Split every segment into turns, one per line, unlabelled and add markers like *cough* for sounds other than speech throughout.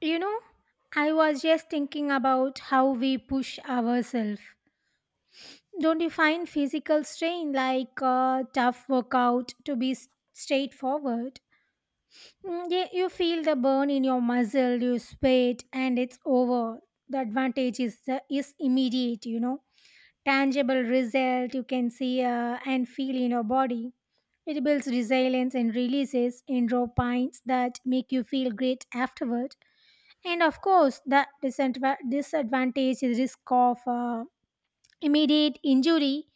You know, I was just thinking about how we push ourselves. Don't you find physical strain like a tough workout to be straightforward? Yeah, you feel the burn in your muscle, you sweat, and it's over. The advantage is immediate, you know, tangible result you can see and feel in your body. It builds resilience and releases endorphins that make you feel great afterward. And of course, the disadvantage is risk of immediate injury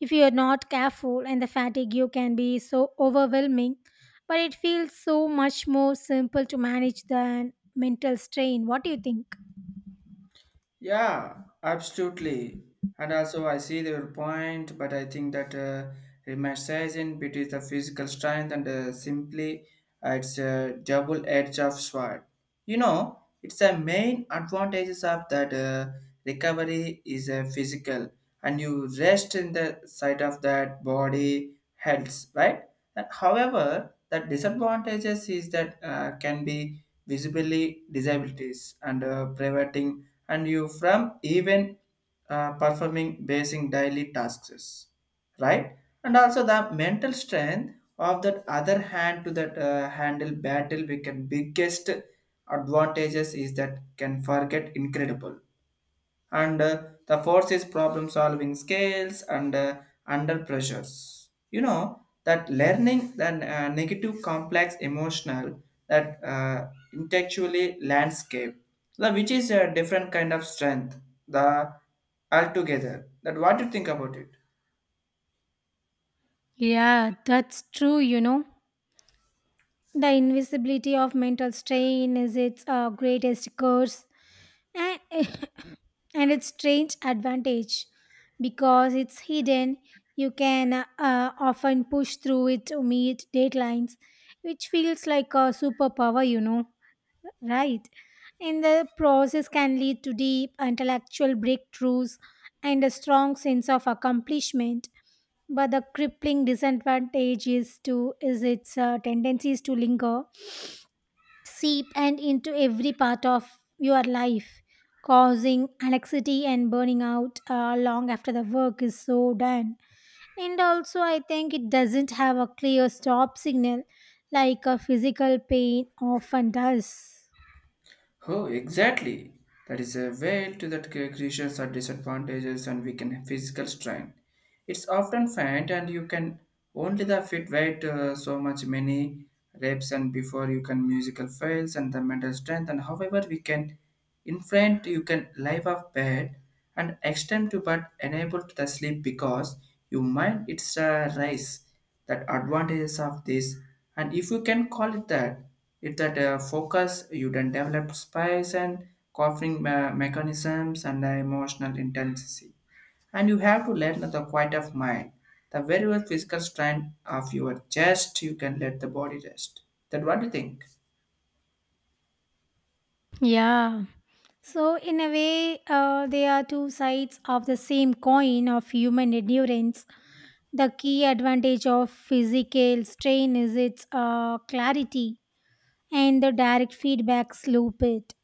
if you are not careful, and the fatigue you can be so overwhelming. But it feels so much more simple to manage than mental strain. What do you think?
Yeah, absolutely. And also, I see your point, but I think that romanticizing between the physical strength and simply it's a double edge of sword. You know, it's a main advantages of that recovery is physical and you rest in the side of that body helps, right. And however the disadvantages is that can be visibly disabilities and preventing and you from even performing basic daily tasks, right. And also the mental strength of that other hand to that handle battle we can biggest advantages is that can forget incredible and the forces problem solving skills and under pressures, you know that learning the negative complex emotional that intellectually landscape the, which is a different kind of strength the altogether. That, what do you think about it?
Yeah, that's true, you know. The invisibility of mental strain is its greatest curse and, *coughs* and its strange advantage because it's hidden. You can often push through it to meet deadlines, which feels like a superpower, you know, right. And the process can lead to deep intellectual breakthroughs and a strong sense of accomplishment, but the crippling disadvantage is its tendencies to linger, seep and into every part of your life, causing anxiety and burning out long after the work is so done. And also, I think it doesn't have a clear stop signal like a physical pain often does.
Oh, exactly. That is a way to that creations are disadvantages and weaken physical strength. It's often faint and you can only the fit weight so much many reps and before you can musical fails and the mental strength and however we can in front, you can live off bed and extend to but enable to the sleep because you mind it's a rise that advantages of this and if you can call it that if that focus you then develop spice and covering mechanisms and emotional intensity and you have to learn the quiet of mind the very well physical strength of your chest you can let the body rest. That, what do you think?
Yeah. So, in a way, they are two sides of the same coin of human endurance. The key advantage of physical strain is its clarity and the direct feedback loop it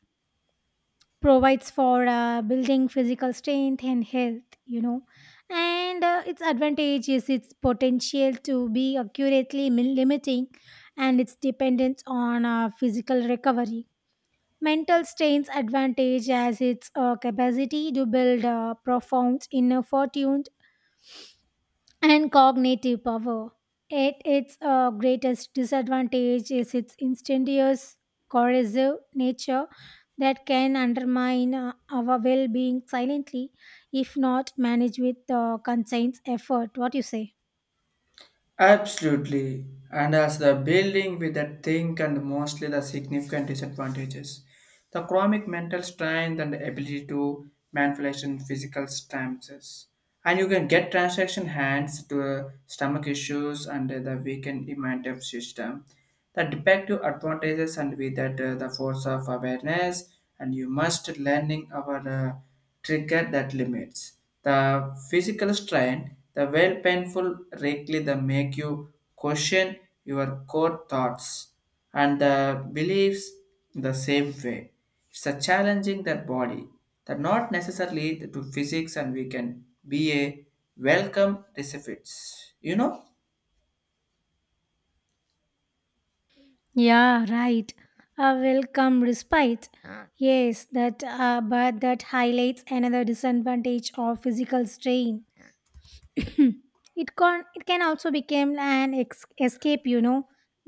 provides for building physical strength and health, you know. And its advantage is its potential to be accurately limiting, and its dependence on physical recovery. Mental strains advantage as its capacity to build profound inner fortitude and cognitive power. At its greatest disadvantage is its instantaneous corrosive nature that can undermine our well being silently if not managed with conscious effort. What you say?
Absolutely. And as the building with the think and mostly the significant disadvantages, the chronic mental strain and the ability to manipulation physical stances. And you can get transaction hands to stomach issues and the weakened immunity system. The defective advantages and be that the force of awareness and you must learning our trigger that limits. The physical strain, the well painful regularly the make you question your core thoughts and the beliefs in the same way. It's a challenging that body that not necessarily to physics and we can be a welcome recipients. You know?
Yeah, right. A welcome respite. Yes, that but that highlights another disadvantage of physical strain. *coughs* *clears throat* It can also become an escape, you know,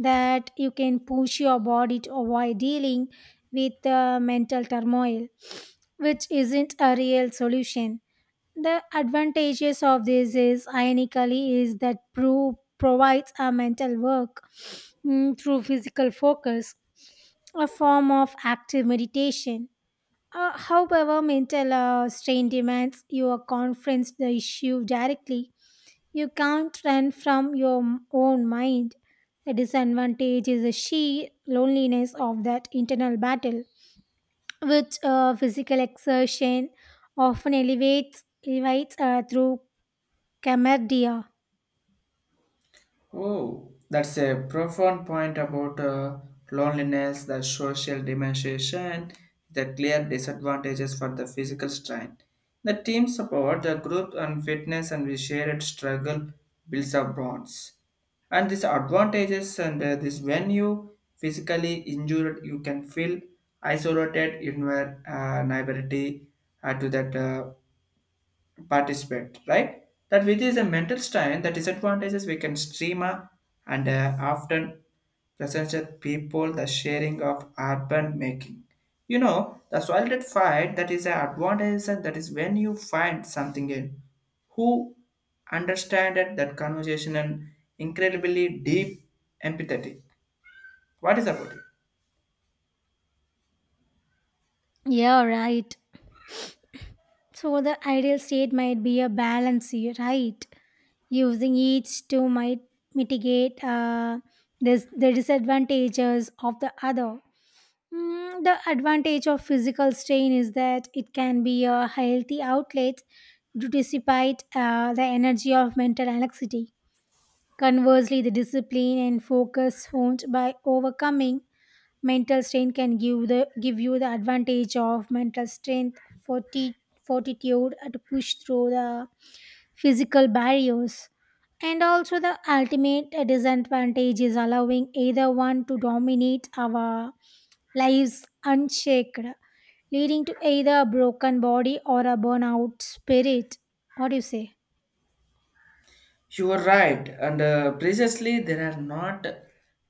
that you can push your body to avoid dealing with mental turmoil, *sniffs* which isn't a real solution. The advantages of this is ironically is that provides a mental work *sniffs* through physical focus, a form of active meditation. However mental strain demands you confront the issue directly. You can't run from your own mind. The disadvantage is the sheer loneliness of that internal battle, which physical exertion often elevates through camaraderie.
Oh, that's a profound point about loneliness, the social dimension, the clear disadvantages for the physical strain. The team support, the group and fitness, and we shared struggle builds up bonds. And these advantages and this when you physically injured, you can feel isolated in your neighborhood to that participate, right? That which is a mental strain, the disadvantages we can streamer and often presents with people the sharing of urban making. You know, the solid fight that is an advantage and that is when you find something in who understand it, that conversation and incredibly deep empathy. What is about it?
Yeah, right. So the ideal state might be a balance, you right? Using each to might mitigate this, the disadvantages of the other. The advantage of physical strain is that it can be a healthy outlet to dissipate the energy of mental anxiety. Conversely, the discipline and focus honed by overcoming mental strain can give you the advantage of mental strength forti- fortitude to push through the physical barriers. And also the ultimate disadvantage is allowing either one to dominate our lives unchecked, leading to either a broken body or a burnout spirit. What do you say?
You are right, and precisely there are not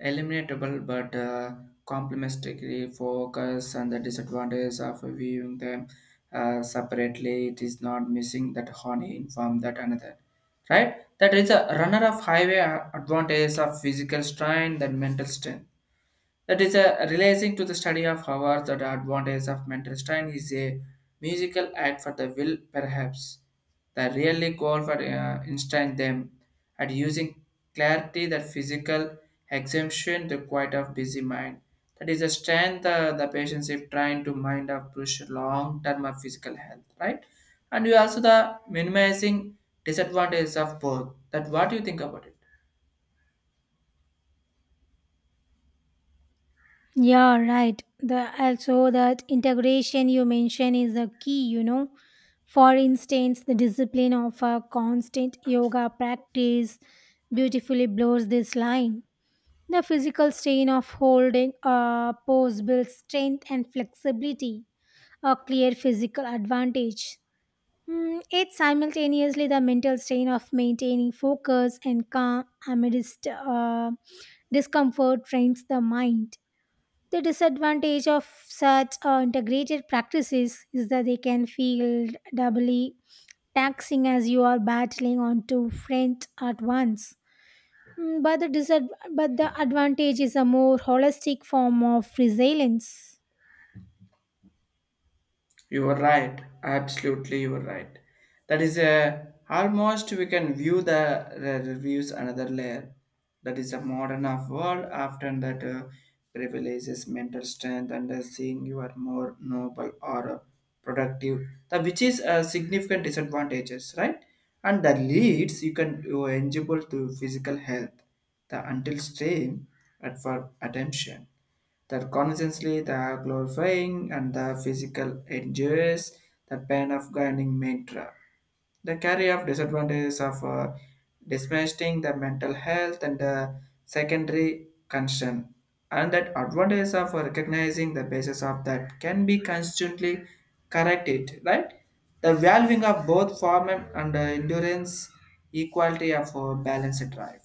eliminatable but complementary focus and the disadvantage of viewing them separately. It is not missing that honey inform that another, right? That is a runner of highway advantage of physical strain than mental strain that is a relating to the study of hours that the advantage of mental strain is a musical act for the will, perhaps. The really goal for instant them at using clarity that physical exemption the quiet of busy mind. That is a strength the patients if trying to mind of push long term of physical health, right? And you also the minimizing disadvantages of both. That, what do you think about it?
Yeah, right. The also that integration you mentioned is a key, you know. For instance, the discipline of a constant yoga practice beautifully blurs this line. The physical strain of holding a pose builds strength and flexibility, a clear physical advantage. It's simultaneously the mental strain of maintaining focus and calm amidst discomfort trains the mind. The disadvantage of such integrated practices is that they can feel doubly taxing as you are battling on two fronts at once. Mm, But the, disad- but the advantage is a more holistic form of resilience.
You are right. Absolutely, you are right. That is a almost we can view the reviews another layer. That is a modern of world. After that, privileges mental strength and seeing you are more noble or productive. The which is significant disadvantages, right? And the leads you can you are eligible to physical health. The until strain at for attention that consciously the glorifying and the physical endures the pain of grinding mantra. The carry of disadvantages of dismissing the mental health and the secondary concern. And that advantages of recognizing the basis of that can be constantly corrected, right? The valuing of both form and endurance, equality of balanced drive,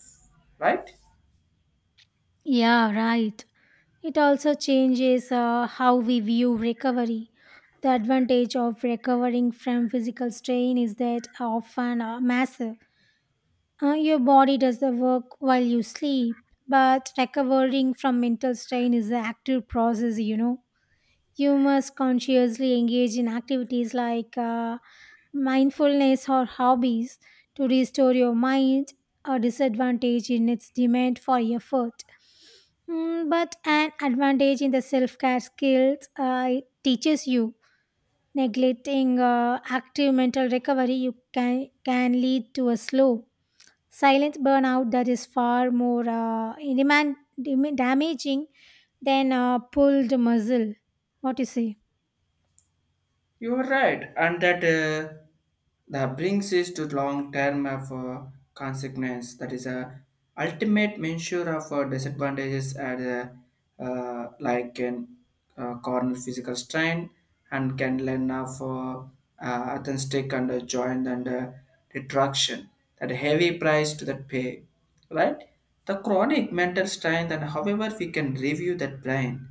right?
Yeah, right. It also changes how we view recovery. The advantage of recovering from physical strain is that often massive. Your body does the work while you sleep, but recovering from mental strain is an active process, you know. You must consciously engage in activities like mindfulness or hobbies to restore your mind, a disadvantage in its demand for effort. But an advantage in the self care skills it teaches you. Neglecting active mental recovery you can lead to a slow silent burnout that is far more damaging than a pulled muscle. What you say?
You're right, and that that brings us to long term of consequence. That is a ultimate measure of disadvantages at like in coronal physical strain and can learn of athenistic and joint and detraction. That heavy price to that pay, right? The chronic mental strain. That however we can review that brain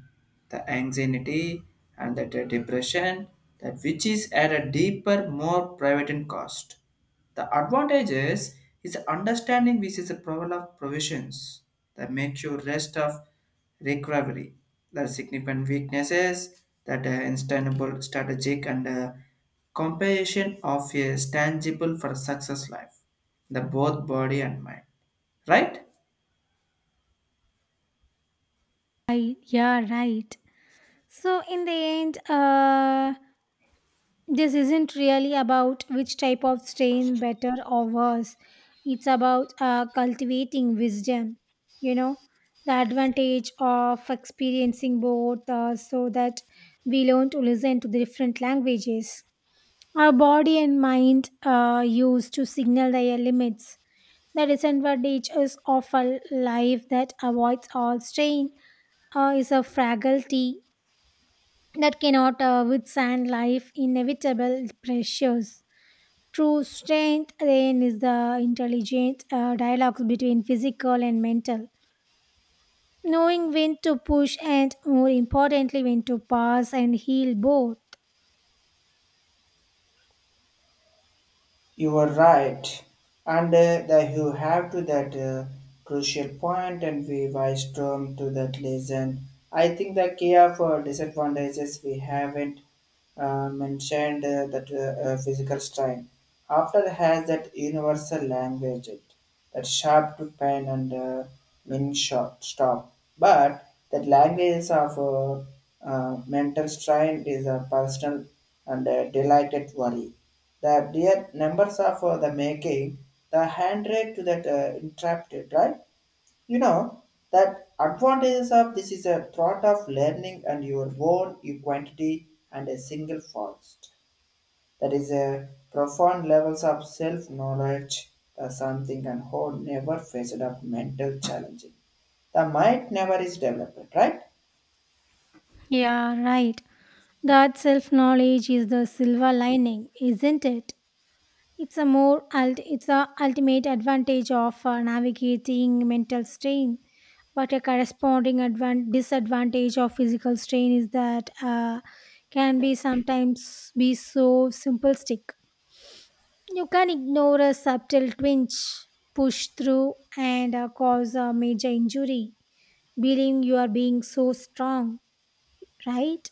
the anxiety and the depression that which is at a deeper more private in cost the advantages is understanding which is the problem of provisions that makes you rest of recovery the significant weaknesses that are instantable strategic and comparison of a tangible for success life the both body and mind, right.
Yeah, right. So, in the end, this isn't really about which type of strain better or worse. It's about cultivating wisdom, you know, the advantage of experiencing both so that we learn to listen to the different languages. Our body and mind used to signal their limits. The disadvantage is of a life that avoids all strain is a fragility that cannot withstand life inevitable pressures. True strength then is the intelligent dialogues between physical and mental. Knowing when to push and more importantly when to pass and heal both.
You are right, and the, you have to that crucial point, and we wise term to that lesson. I think the key of disadvantages we haven't mentioned that physical strain. After has that universal language. It that sharp to pen and min shot stop. But that language of mental strain is a personal and delighted worry. The dear numbers of the making, the handwrite to that interpreted, right? You know that advantages of this is a thought of learning and your own equality and a single forest. That is a profound levels of self-knowledge, something and who never faced up mental challenging. The mind never is developed, right?
Yeah, right. That self knowledge is the silver lining, isn't it? It's a more ult- it's a ultimate advantage of navigating mental strain, but a corresponding disadvantage of physical strain is that can be sometimes be so simplistic. You can ignore a subtle twinge, push through, and cause a major injury, believing you are being so strong, right?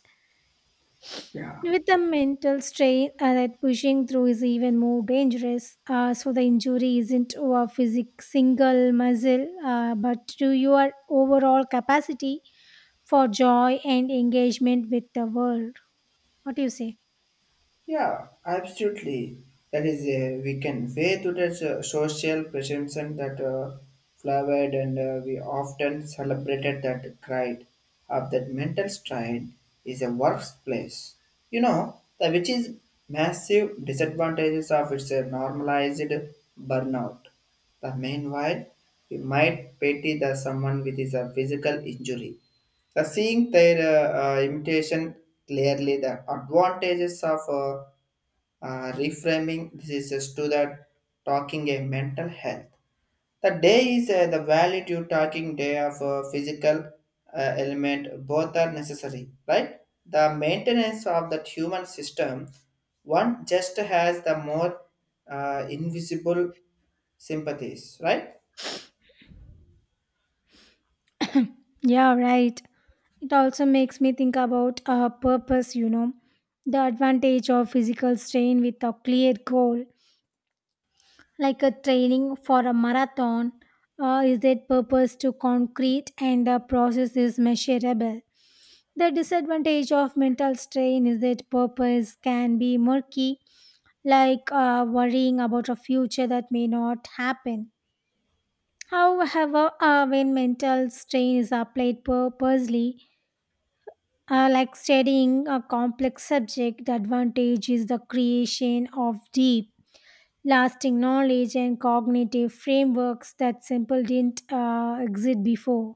Yeah.
With the mental strain that pushing through is even more dangerous, so the injury isn't to a physic single muscle, but to your overall capacity for joy and engagement with the world. What do you say?
Yeah, absolutely. That is a we can way to the social presumption that flavored and we often celebrated that cried of that mental strain is a workplace. You know, the which is massive disadvantages of its normalized burnout. The meanwhile, we might pity the someone with his physical injury. The seeing their imitation clearly the advantages of reframing this is just to that talking a mental health the day is the valid you talking day of physical element both are necessary, right. The maintenance of that human system one just has the more invisible sympathies, right.
Yeah, right. It also makes me think about a purpose, you know, the advantage of physical strain with a clear goal like a training for a marathon is that purpose to concrete and the process is measurable. The disadvantage of mental strain is that purpose can be murky, like worrying about a future that may not happen. However when mental strain is applied purposely, like studying a complex subject, the advantage is the creation of deep lasting knowledge and cognitive frameworks that simple didn't exist before.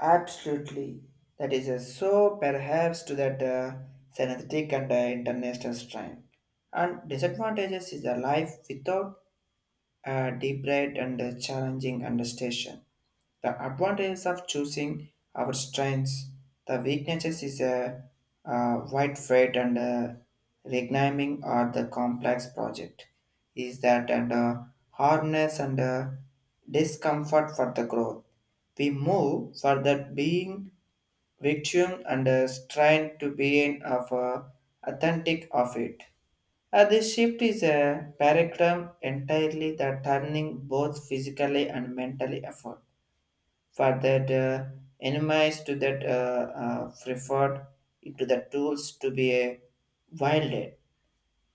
Absolutely, that is so perhaps to that synthetic and international strain and disadvantages is a life without deep breath and challenging understation. The advantages of choosing our strengths, the weaknesses is a wide freight and renaming or the complex project is that and harness and discomfort for the growth. We move for that being victim and strain to be in of authentic of it. This shift is a paradigm entirely that turning both physically and mentally effort for that enemies to that preferred into the tools to be a wielded.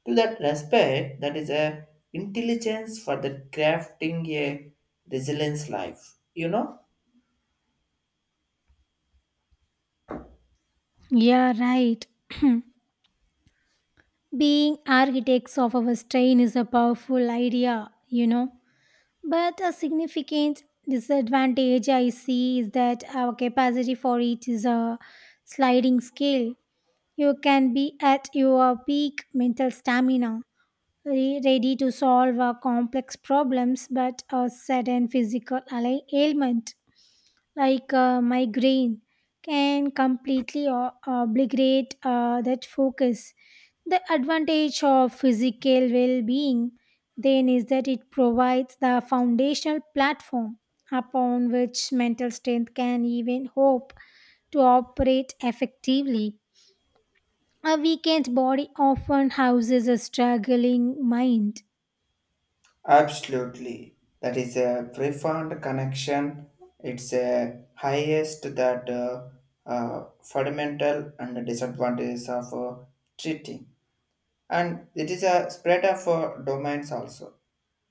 To that respect, that is a intelligence for the crafting a resilience life. You know.
Yeah, right. *clears throat* Being architects of our strain is a powerful idea, you know. But a significant disadvantage I see is that our capacity for it is a sliding scale. You can be at your peak mental stamina, ready to solve complex problems, but a sudden physical ailment like my brain can completely obliterate that focus. The advantage of physical well being then is that it provides the foundational platform upon which mental strength can even hope to operate effectively. A weakened body often houses a struggling mind.
Absolutely. That is a profound connection. It's a highest that fundamental and disadvantages of cheating. And it is a spread of domains also.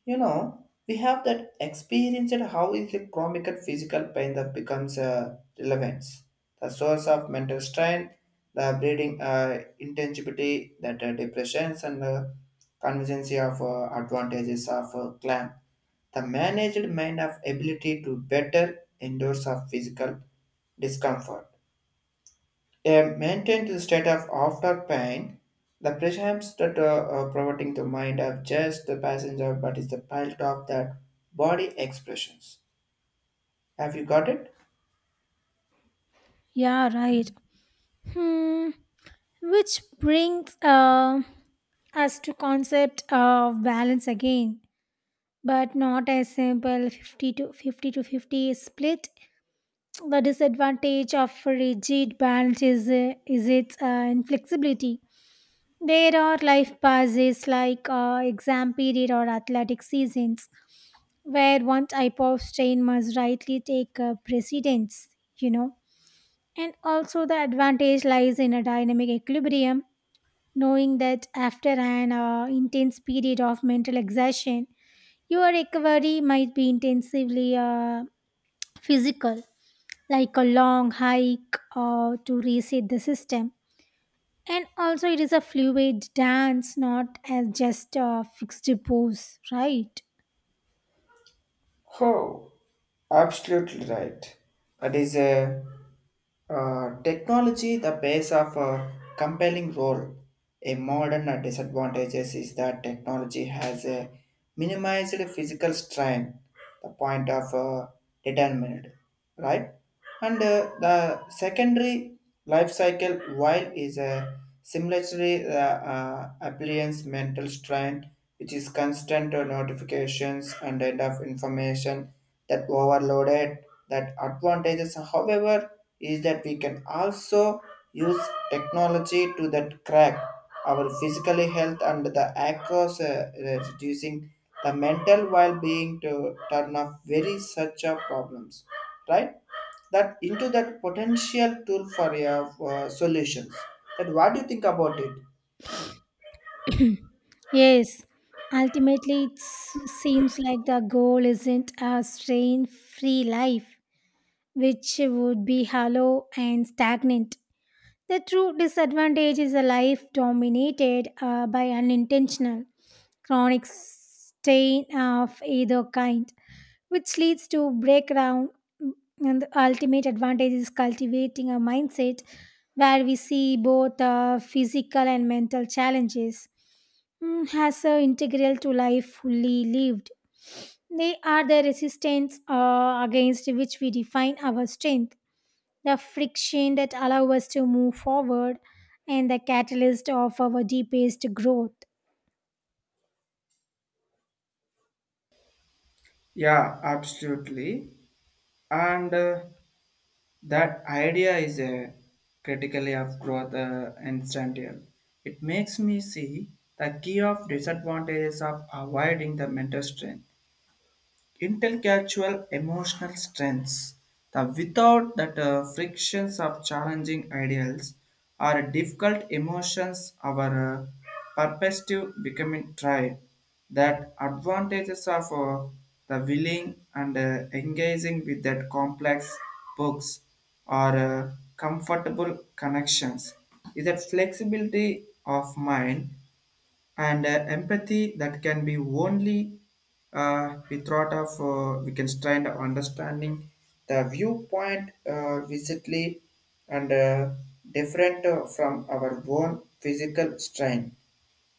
You know, we have that experience at how is the chronic and physical pain that becomes relevance, the source of mental strain, the breeding intangibility, that depressions and convergency of advantages of clan. The managed mind of ability to better endures of physical discomfort a maintained the state of after pain, the presumes that providing the mind of just the passenger but is the pilot of that body expressions. Have you got it?
Yeah, right. Hmm. Which brings us to concept of balance again, but not a simple 50 to 50 to 50 split. The disadvantage of rigid balance is, its inflexibility. There are life passes like exam period or athletic seasons where one type of strain must rightly take precedence, you know. And also, the advantage lies in a dynamic equilibrium, knowing that after an intense period of mental exhaustion, your recovery might be intensively physical, like a long hike to reset the system. And also, it is a fluid dance, not as just a fixed pose, right?
Oh, absolutely right. That is a technology, the base of a compelling role. A modern disadvantages is that technology has a minimized physical strain, the point of determined, right? And the secondary life cycle while is a similarly the appliance mental strain which is constant notifications and enough information that overloaded that advantages however is that we can also use technology to that crack our physical health and the across reducing the mental well-being to turn off very such a problems, right. That into that potential tool for your solutions. That, what do you think about it?
Yes. Ultimately, it seems like the goal isn't a strain free life, which would be hollow and stagnant. The true disadvantage is a life dominated by unintentional, chronic stain of either kind, which leads to breakdown. And the ultimate advantage is cultivating a mindset where we see both physical and mental challenges, as integral to life fully lived. They are the resistance against which we define our strength, the friction that allow us to move forward, and the catalyst of our deepest growth.
Yeah, absolutely. And that idea is a critically of growth instantial. It makes me see the key of disadvantages of avoiding the mental strain. Intellectual emotional strengths. The without that frictions of challenging ideals or difficult emotions, our perspective becoming tried. That advantages of the willing and engaging with that complex books or comfortable connections is that flexibility of mind and empathy that can be only we thought of we can stand understanding the viewpoint visibly and different from our own physical strain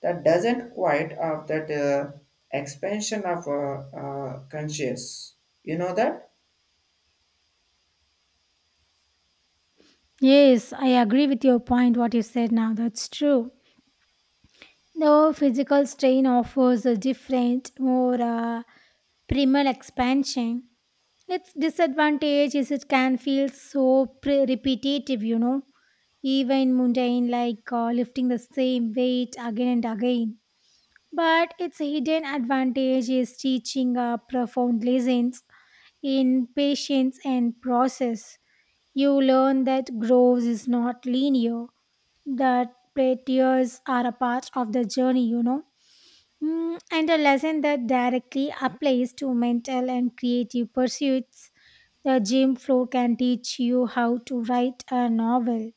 that doesn't quite of that expansion of conscious, you know that.
Yes, I agree with your point, what you said now. That's true. The physical strain offers a different, more primal expansion. Its disadvantage is it can feel so repetitive, you know, even mundane, like lifting the same weight again and again. But its hidden advantage is teaching a profound lessons in patience and process. You learn that growth is not linear, that failures are a part of the journey, you know. And a lesson that directly applies to mental and creative pursuits. The gym floor can teach you how to write a novel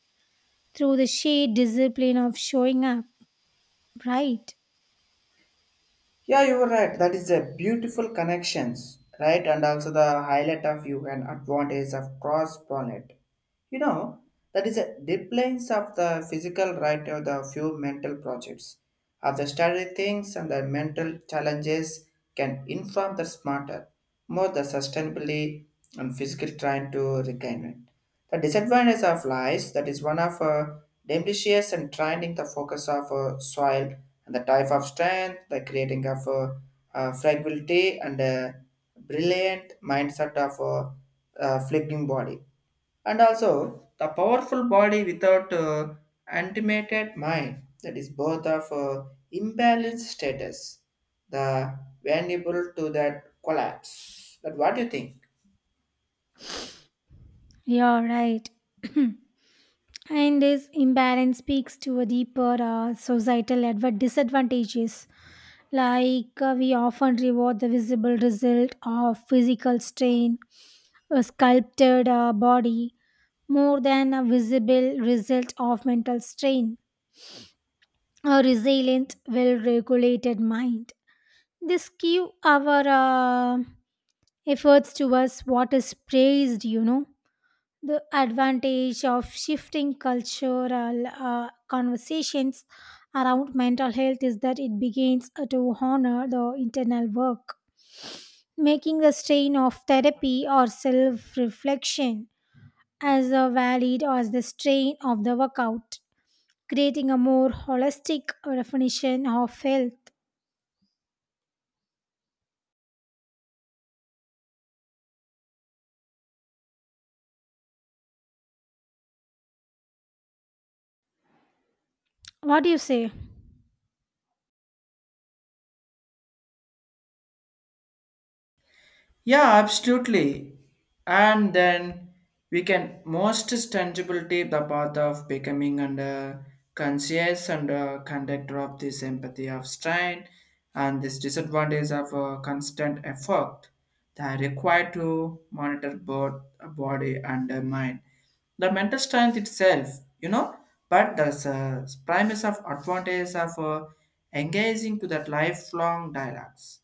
through the sheer discipline of showing up, right?
Yeah, you were right. That is a beautiful connections, right? And also the highlight of you and advantage of cross pollinate. You know, that is a deep lines of the physical right of the few mental projects. Of the study things and the mental challenges can inform the smarter, more the sustainably and physical trying to regain it. The disadvantage of lies that is one of depletions and trending the focus of soil and the type of strength, the creating of fragility and brilliant mindset of flicking body, and also the powerful body without animated mind that is both of imbalanced status, the vulnerable to that collapse. But what do you think?
Yeah, right. *clears throat* And this imbalance speaks to a deeper societal disadvantages. Like we often reward the visible result of physical strain, a sculpted body, more than a visible result of mental strain, a resilient, well regulated mind. This skew our uh, efforts towards what is praised, you know. The advantage of shifting cultural conversations around mental health is that it begins to honor the internal work, making the strain of therapy or self reflection as valid as the strain of the workout, creating a more holistic definition of health. What do you say?
Yeah, absolutely. And then we can most tangibility the path of becoming and conscious and conductor of this empathy of strain and this disadvantage of constant effort that are required to monitor both a body and a mind. The mental strength itself, you know, but there's a premise of advantage of engaging to that lifelong dialogues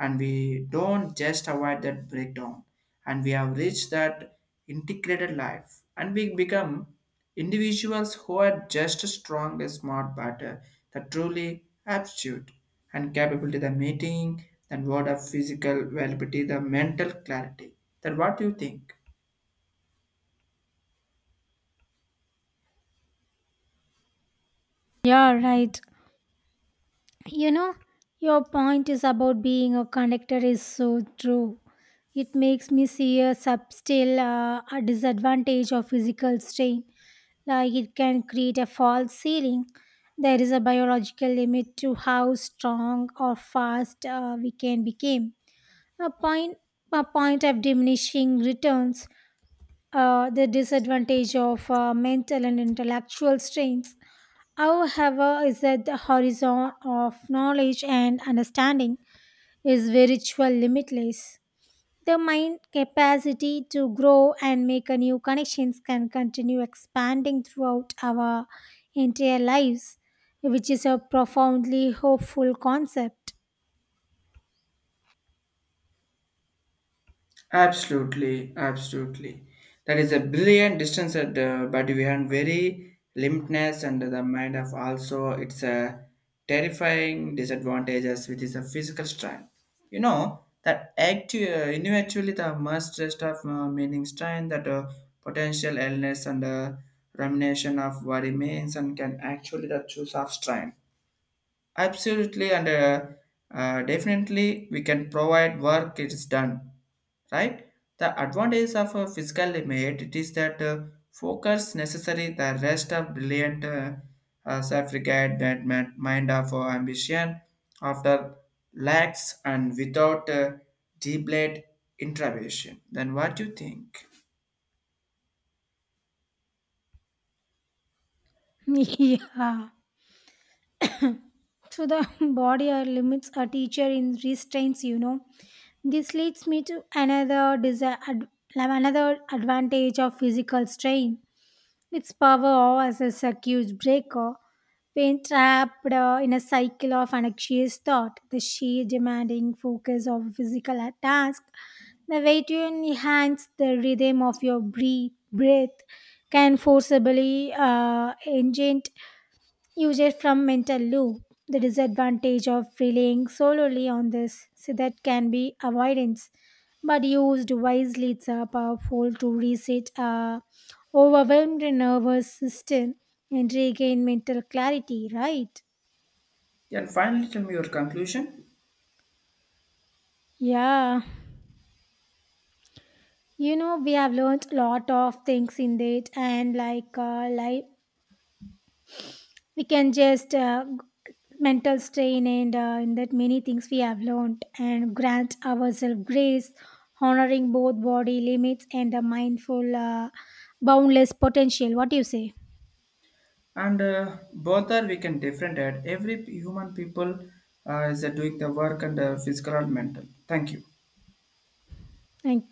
and we don't just avoid that breakdown and we have reached that integrated life and we become individuals who are just as strong as smart but that truly aptitude and capable to the meeting than what of physical well the mental clarity. Then what do you think?
Yeah, right. You know, your point is about being a conductor is so true. It makes me see a subtle a disadvantage of physical strain, like it can create a false ceiling. There is a biological limit to how strong or fast we can become. A point, a point of diminishing returns. The disadvantage of mental and intellectual strains, however, is that the horizon of knowledge and understanding is virtually limitless. The mind capacity to grow and make a new connections can continue expanding throughout our entire lives, which is a profoundly hopeful concept.
Absolutely, absolutely. That is a brilliant distance, at, but we have very limitness and the mind of also it's a terrifying disadvantages which is a physical strength. You know that eventually the must rest of meaning strength that potential illness and rumination of worry means and can actually the choose of strength. Absolutely, and definitely we can provide work it is done, right? The advantage of a physical limit it is that focus necessary the rest of brilliant self-regard that mind of ambition after lacks and without deep intervention. Then what do you think?
*laughs* Yeah. to the *laughs* Body or limits a teacher in restraints, you know. This leads me to another desi- ad- like another advantage of physical strain, its power as a circuit breaker. Being trapped in a cycle of anxious thought, the sheer demanding focus of physical task, the way to enhance the rhythm of your breath can forcibly engage usage from mental loop. The disadvantage of relying solely on this so that can be avoidance, but used wisely it's a powerful to reset a overwhelmed nervous system and regain mental clarity, right?
And finally, tell me your conclusion.
Yeah, you know, we have learned a lot of things in it. And like life we can just mental strain, and in that many things we have learned and grant ourselves grace, honoring both body limits and the mindful boundless potential. What do you say?
And both are we can different at every human people is doing the work and physical and mental, thank you.
Thank